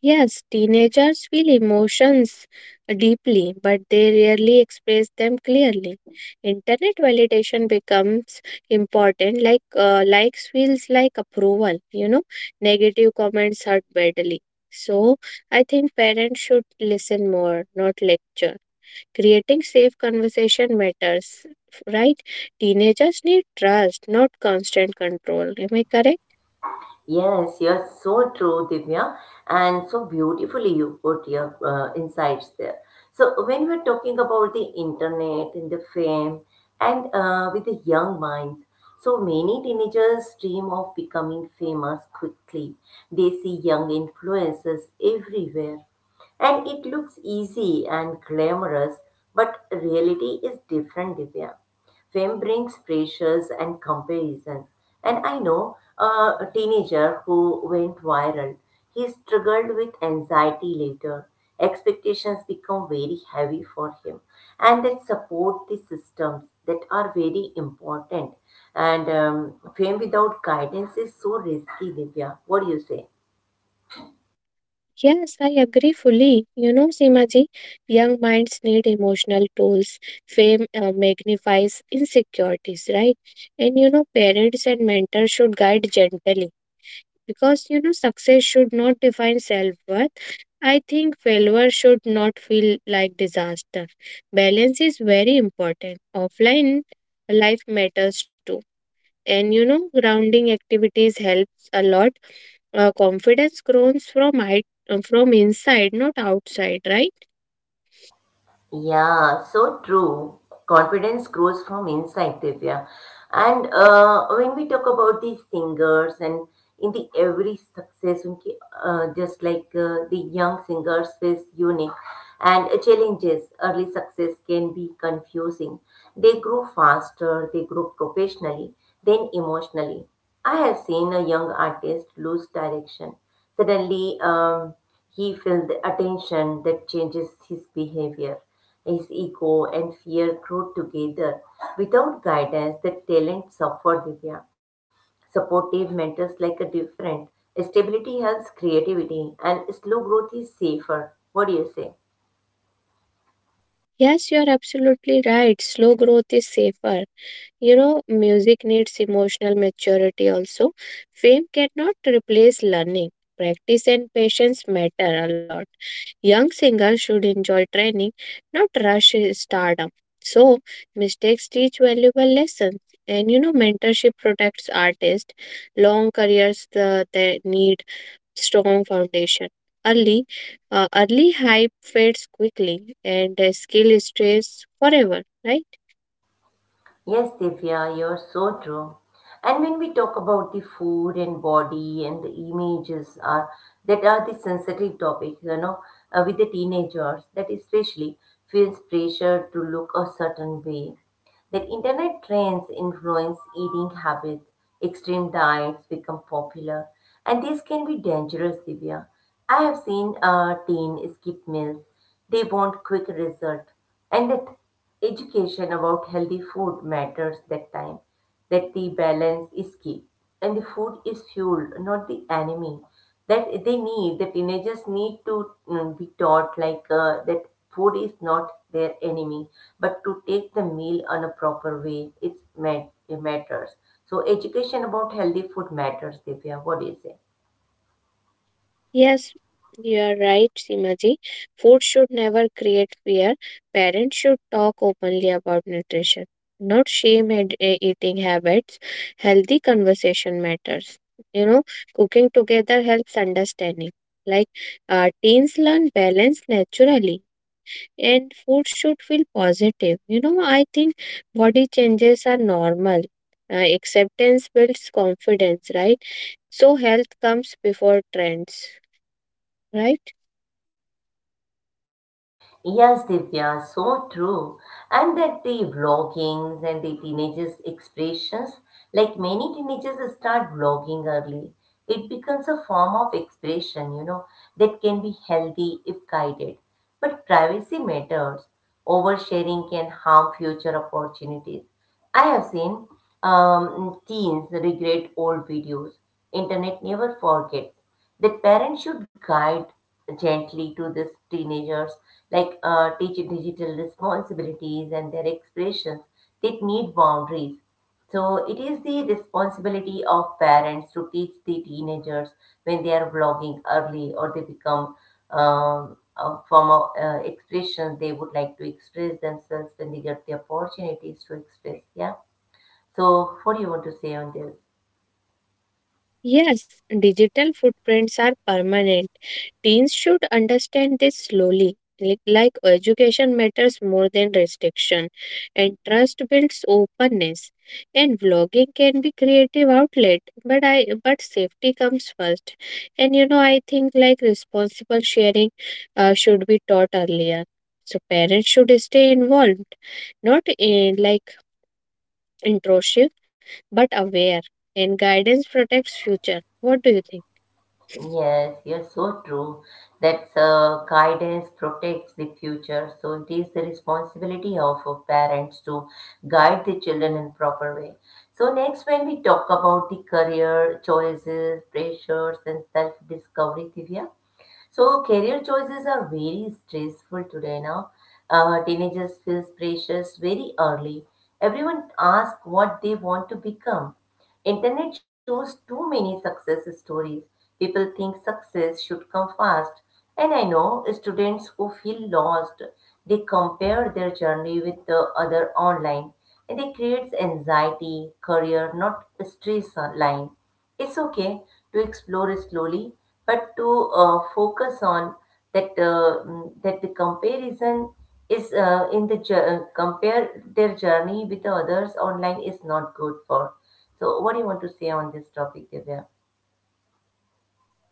[SPEAKER 2] Yes, teenagers feel emotions deeply, but they rarely express them clearly. Internet validation becomes important, like likes feels like approval, you know, negative comments hurt badly. So, I think parents should listen more, not lecture. Creating safe conversation matters, right? Teenagers need trust, not constant control. Am I correct?
[SPEAKER 1] Yes, you're so true, Divya, and so beautifully you put your insights there. So, when we're talking about the internet and the fame, and with the young minds, so many teenagers dream of becoming famous quickly. They see young influencers everywhere, and it looks easy and glamorous, but reality is different, Divya. Fame brings pressures and comparison. And I know a teenager who went viral. He struggled with anxiety later. Expectations become very heavy for him, and that support the systems that are very important. And fame without guidance is so risky, Divya. What do you say?
[SPEAKER 2] Yes, I agree fully. You know, Simaji, young minds need emotional tools. Fame magnifies insecurities, right? And you know, parents and mentors should guide gently because you know, success should not define self worth. I think failure should not feel like disaster. Balance is very important. Offline life matters too, and you know grounding activities helps a lot. Confidence grows from height from inside not outside, right?
[SPEAKER 1] Yeah, so true. Confidence grows from inside, Divya. And when we talk about these singers and in the every success, उनकी, just like the young singers is unique and challenges, early success can be confusing. They grow faster, they grow professionally, then emotionally. I have seen a young artist lose direction. Suddenly, he felt the attention that changes his behavior. His ego and fear grew together. Without guidance, the talent suffered Divya. Supportive mentors like a different. Stability helps creativity and slow growth is safer. What do you say?
[SPEAKER 2] Yes, you are absolutely right, slow growth is safer. You know, music needs emotional maturity also. Fame cannot replace learning. Practice and patience matter a lot. Young singers should enjoy training, not rush stardom. So, mistakes teach valuable lessons. And you know, mentorship protects artists. Long careers they need strong foundation. Early, early hype fades quickly, and skill stays forever, right?
[SPEAKER 1] Yes, Divya, you're so true. And when we talk about the food and body and the images are that are the sensitive topic, you know, with the teenagers that especially feels pressure to look a certain way that internet trends influence eating habits, extreme diets become popular, and these can be dangerous, Divya. I have seen teen skip meals. They want quick result, and that education about healthy food matters that time. That the balance is key, and the food is fuel, not the enemy that they need the teenagers need to be taught like that food is not their enemy but to take the meal on a proper way it's it matters. So education about healthy food matters, Divya. What do you say?
[SPEAKER 2] Yes, you are right, Simaji. Food should never create fear. Parents should talk openly about nutrition, not shame eating habits. Healthy conversation matters. You know, cooking together helps understanding. Like teens learn balance naturally, and food should feel positive. You know, I think body changes are normal. Acceptance builds confidence, right? So, health comes before trends, right?
[SPEAKER 1] Yes, Divya, so true. And that the vloggings and the teenagers' expressions, like many teenagers start vlogging early, it becomes a form of expression, you know, that can be healthy if guided. But privacy matters. Oversharing can harm future opportunities. I have seen teens regret old videos. Internet never forgets. The parents should guide gently to these teenagers, like teach digital responsibilities and their expressions that need boundaries. So it is the responsibility of parents to teach the teenagers when they are vlogging early or they become a form of expression they would like to express themselves when they get the opportunities to express. Yeah. So what do you want to say on this?
[SPEAKER 2] Yes, digital footprints are permanent. Teens should understand this slowly. Like education matters more than restriction, and trust builds openness. And vlogging can be creative outlet, but safety comes first. And you know I think like responsible sharing should be taught earlier. So parents should stay involved, not in like intrusive but aware, and guidance protects future. What do you think?
[SPEAKER 1] Yes, yes, so true. That guidance protects the future. So it is the responsibility of parents to guide the children in proper way. So next, when we talk about the career choices, pressures, and self-discovery, Divya. So career choices are very stressful today now. Teenagers feel pressures very early. Everyone asks what they want to become. Internet shows too many success stories. People think success should come fast. And I know students who feel lost, they compare their journey with the other online and it creates anxiety, career, not stress line. It's okay to explore it slowly, but to focus on that that the comparison is in the compare their journey with the others online is not good for. So, what do you want to say on this topic, Divya?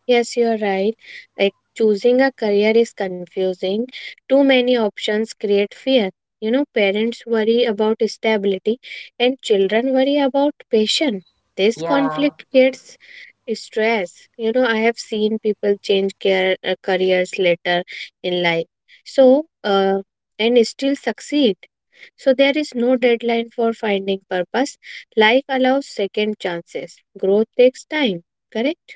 [SPEAKER 2] Yes, you're right. Like choosing a career is confusing. Too many options create fear. You know, parents worry about stability and children worry about passion. This
[SPEAKER 1] Yeah.
[SPEAKER 2] conflict creates stress. You know, I have seen people change careers later in life. So and still succeed. So, there is no deadline for finding purpose. Life allows second chances. Growth takes time, correct?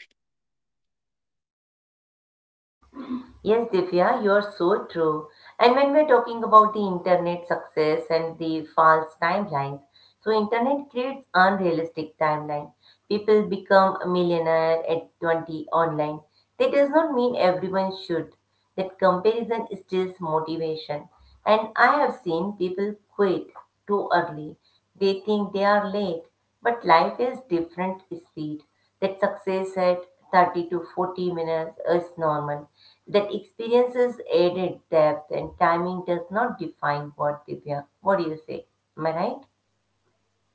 [SPEAKER 1] Yes, Divya, you're so true. And when we're talking about the internet success and the false timelines, so internet creates unrealistic timeline. People become a millionaire at 20 online. That does not mean everyone should. That comparison steals motivation. And I have seen people quit too early. They think they are late, but life is different speed. That success at 30 to 40 minutes is normal. That experience is added depth and timing does not define what they are. What do you say? Am I right?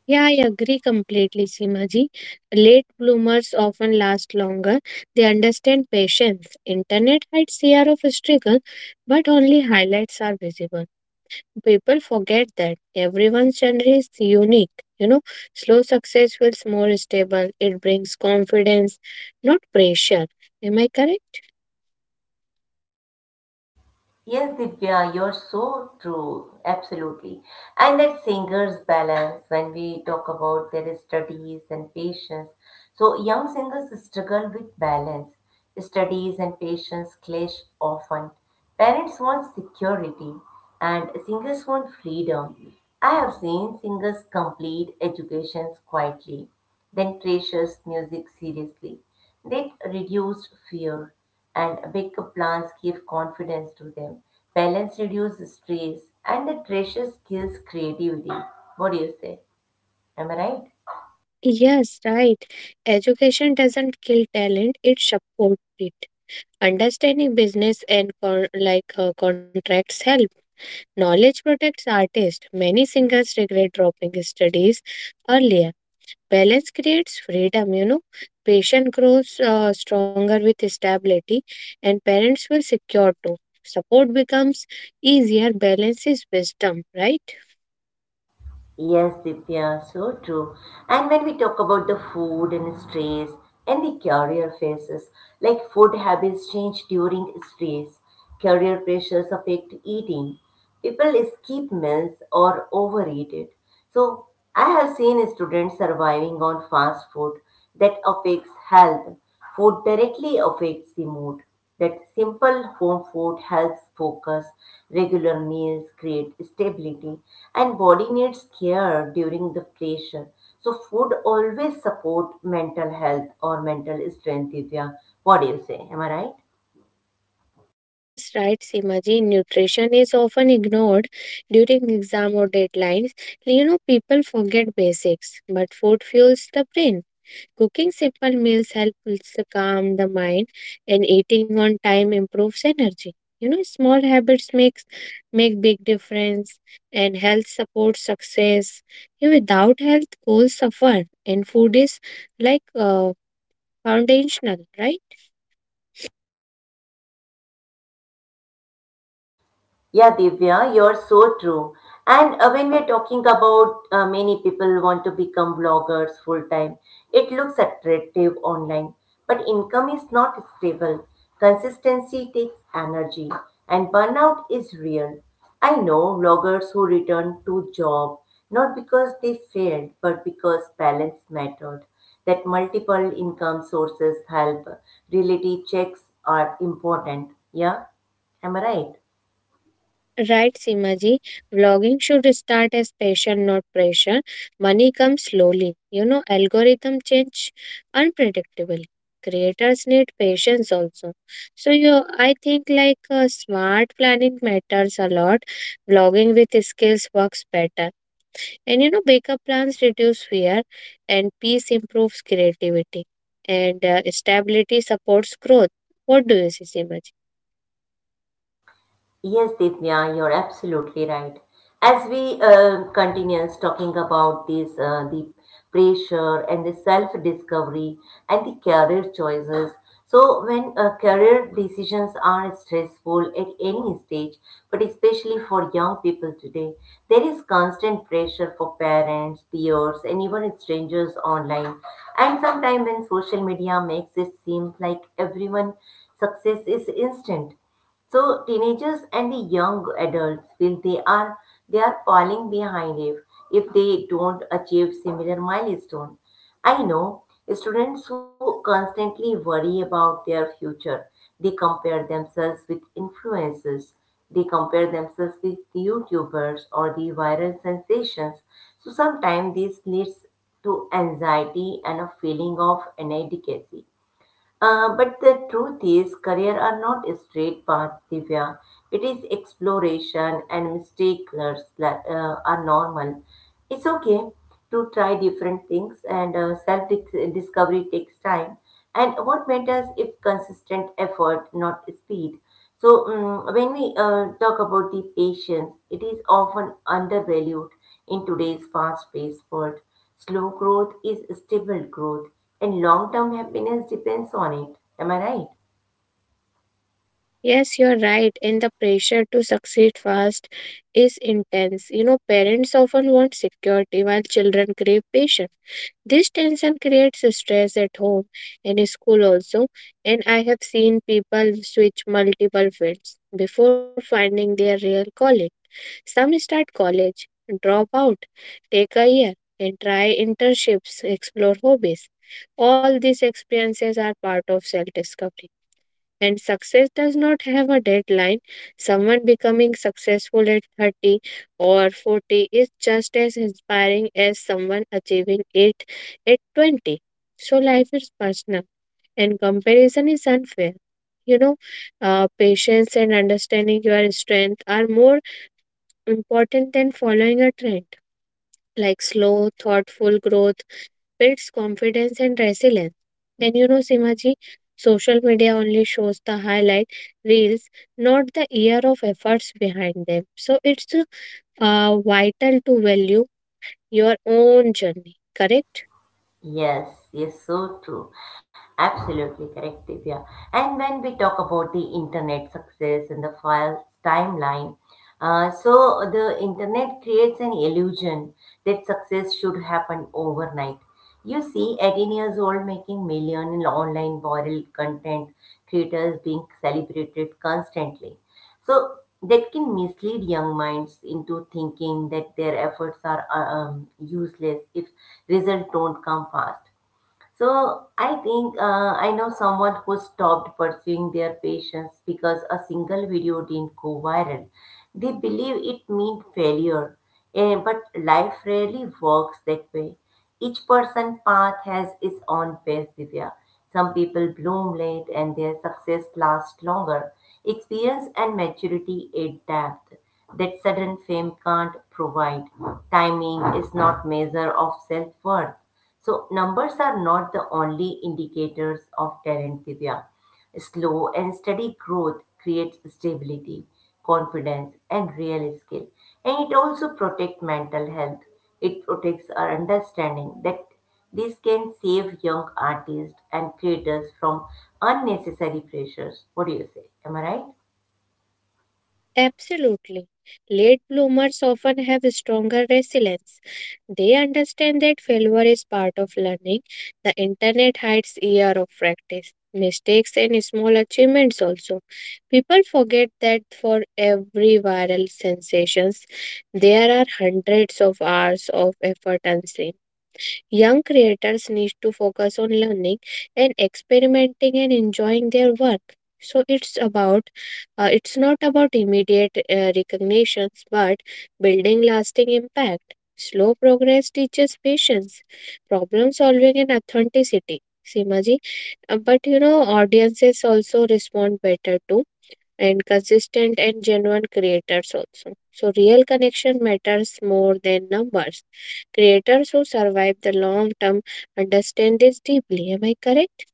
[SPEAKER 2] Yeah, I agree completely, Simaji. Late bloomers often last longer. They understand patience. Internet hides year of struggle, but only highlights are visible. People forget that everyone's journey is unique. You know, slow success feels more stable. It brings confidence, not pressure. Am I correct?
[SPEAKER 1] Yes, Divya, you're so true. Absolutely. And that singer's balance when we talk about their studies and patience. So, young singers struggle with balance. Studies and patience clash often. Parents want security and singers want freedom. I have seen singers complete educations quietly, then precious music seriously. That reduced fear and big plans give confidence to them. Balance reduces stress and the treasure kills creativity. What do you say? Am I right?
[SPEAKER 2] Yes, right. Education doesn't kill talent; it supports it. Understanding business and like contracts help. Knowledge protects artists. Many singers regret dropping studies earlier. Balance creates freedom, you know. Patient grows stronger with stability, and parents will secure too. Support becomes easier. Balance is wisdom, right?
[SPEAKER 1] Yes, Divya, so true. And when we talk about the food and stress and the career phases, like food habits change during stress, career pressures affect eating. People skip meals or overeat it. So I have seen students surviving on fast food that affects health. Food directly affects the mood. That simple home food helps focus. Regular meals create stability, and body needs care during the pressure. So food always support mental health or mental strength. Divya, what do you say? Am I right?
[SPEAKER 2] Yes, right, Simaji. Nutrition is often ignored during exam or deadlines. You know, people forget basics, but food fuels the brain. Cooking simple meals helps to calm the mind, and eating on time improves energy. You know, small habits make big difference, and health supports success. Yeah, without health, goals suffer, and food is like foundational, right?
[SPEAKER 1] Yeah, Divya, you're so true. And when we're talking about many people want to become vloggers full time, it looks attractive online, but income is not stable. Consistency takes energy, and burnout is real. I know vloggers who return to job not because they failed, but because balance mattered. That multiple income sources help. Reality checks are important. Yeah, am I right?
[SPEAKER 2] Right, Simaji. Vlogging should start as passion, not pressure. Money comes slowly. You know, algorithm change unpredictably. Creators need patience also. So you, I think like smart planning matters a lot. Vlogging with skills works better. And you know, backup plans reduce fear, and peace improves creativity, and stability supports growth. What do you see, Simaji?
[SPEAKER 1] Yes, Ditya, you're absolutely right. As we continues talking about this, the pressure and the self-discovery and the career choices. So when career decisions are stressful at any stage, but especially for young people today, there is constant pressure for parents, peers, and even strangers online. And sometimes when social media makes it seem like everyone success is instant, so teenagers and the young adults feel they are falling behind if they don't achieve similar milestone. I know students who constantly worry about their future. They compare themselves with influencers. They compare themselves with YouTubers or the viral sensations. So sometimes this leads to anxiety and a feeling of inadequacy. But the truth is, career are not a straight path, Divya. It is exploration and mistakes that are normal. It's okay to try different things, and self discovery takes time. And what matters is consistent effort, not speed. So, when we talk about the patience, it is often undervalued in today's fast paced world. Slow growth is stable growth, and long term happiness depends on it. Am I right?
[SPEAKER 2] Yes, you're right. And the pressure to succeed fast is intense. You know, parents often want security while children crave patience. This tension creates stress at home and in school also. And I have seen people switch multiple fields before finding their real calling. Some start college, drop out, take a year, and try internships, explore hobbies. All these experiences are part of self discovery. And success does not have a deadline. Someone becoming successful at 30 or 40 is just as inspiring as someone achieving it at 20. So life is personal and comparison is unfair. You know, patience and understanding your strength are more important than following a trend. Like slow, thoughtful growth builds confidence and resilience. And you know, Simaji, social media only shows the highlight reels, not the year of efforts behind them. So it's vital to value your own journey, correct?
[SPEAKER 1] Yes, yes, so true. Absolutely correct, Divya. And when we talk about the internet success and the file's timeline, so the internet creates an illusion that success should happen overnight. You see, 18 years old making million in online viral content, creators being celebrated constantly. So that can mislead young minds into thinking that their efforts are useless if results don't come fast. So I know someone who stopped pursuing their patients because a single video didn't go viral. They believe it meant failure, but life rarely works that way. Each person's path has its own pace, Divya. Some people bloom late and their success lasts longer. Experience and maturity add depth that sudden fame can't provide. Timing is not measure of self-worth. So numbers are not the only indicators of talent, Divya. Slow and steady growth creates stability, confidence, and real skill. And it also protects mental health. It protects our understanding that this can save young artists and creators from unnecessary pressures. What do you say? Am I right?
[SPEAKER 2] Absolutely. Late bloomers often have stronger resilience. They understand that failure is part of learning. The internet hides year of practice, mistakes and small achievements also. People forget that for every viral sensations there are hundreds of hours of effort unseen. Young creators need to focus on learning and experimenting and enjoying their work. So it's not about immediate recognitions, but building lasting impact. Slow progress teaches patience, problem solving, and authenticity. Simaji, but you know, audiences also respond better to and consistent and genuine creators also. So, real connection matters more than numbers. Creators who survive the long term understand this deeply. Am I correct?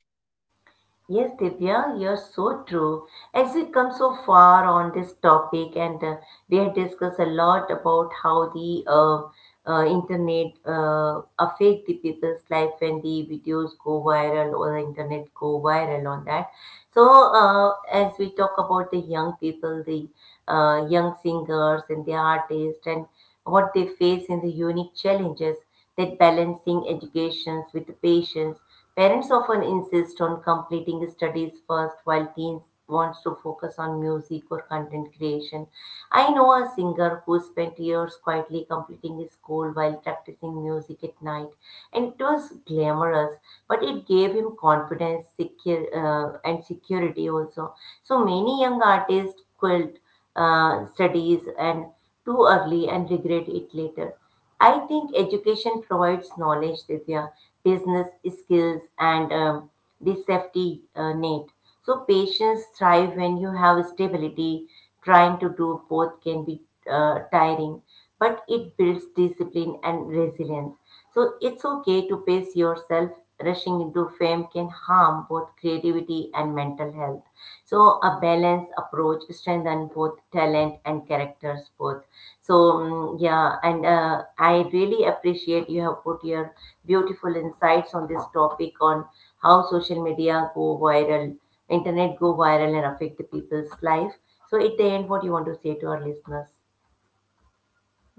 [SPEAKER 1] Yes, Divya, you're so true. As we come so far on this topic, and we have discussed a lot about how the internet affect the people's life when the videos go viral or the internet go viral on that. So, as we talk about the young people, the young singers and the artists, and what they face in the unique challenges that balancing educations with the patients. Parents often insist on completing studies first while teens wants to focus on music or content creation. I know a singer who spent years quietly completing his school while practicing music at night and it was glamorous but it gave him confidence secure, and security also. So many young artists quit studies and too early and regret it later. I think education provides knowledge, Divya, business skills, and the safety net. So patients thrive when you have stability. Trying to do both can be tiring, but it builds discipline and resilience. So it's okay to pace yourself. Rushing into fame can harm both creativity and mental health. So a balanced approach strengthens both talent and characters both. So mm, yeah, and I really appreciate you have put your beautiful insights on this topic on how social media go viral, internet go viral and affect the people's life. So at the end, what you want to say to our listeners,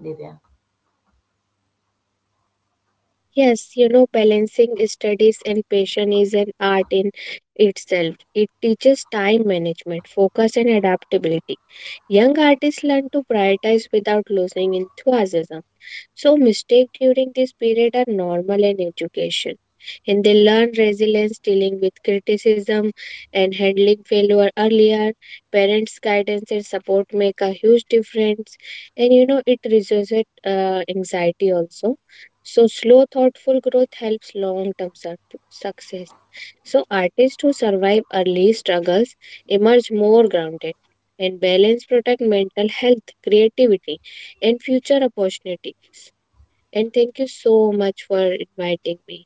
[SPEAKER 1] Divya?
[SPEAKER 2] Yes, you know, balancing studies and passion is an art in itself. It teaches time management, focus, and adaptability. Young artists learn to prioritize without losing enthusiasm. So, mistakes during this period are normal in education, and they learn resilience, dealing with criticism, and handling failure earlier. Parents' guidance and support make a huge difference, and you know it reduces anxiety also. So, slow, thoughtful growth helps long-term success. So, artists who survive early struggles emerge more grounded, and balance protect mental health, creativity, and future opportunities. And thank you so much for inviting me.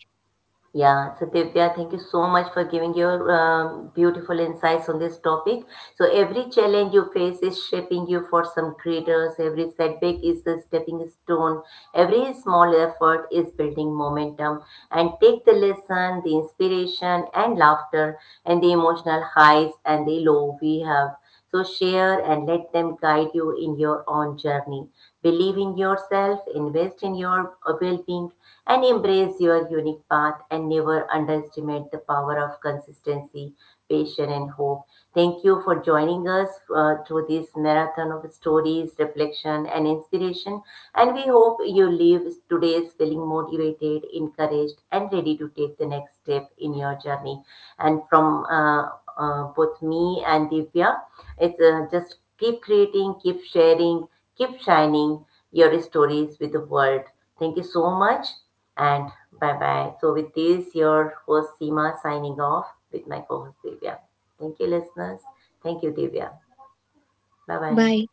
[SPEAKER 1] Yeah, so Divya, thank you so much for giving your beautiful insights on this topic. So every challenge you face is shaping you for some greater. So every setback is a stepping stone. Every small effort is building momentum. And take the lesson, the inspiration, and laughter, and the emotional highs and the low we have. So share and let them guide you in your own journey. Believe in yourself, invest in your well-being, and embrace your unique path and never underestimate the power of consistency, patience, and hope. Thank you for joining us through this marathon of stories, reflection, and inspiration. And we hope you leave today's feeling motivated, encouraged, and ready to take the next step in your journey. And from both me and Divya, it's just keep creating, keep sharing, keep shining your stories with the world. Thank you so much, and bye bye. So, with this, your host Seema signing off with my co host Divya. Thank you, listeners. Thank you, Divya. Bye bye.
[SPEAKER 2] Bye.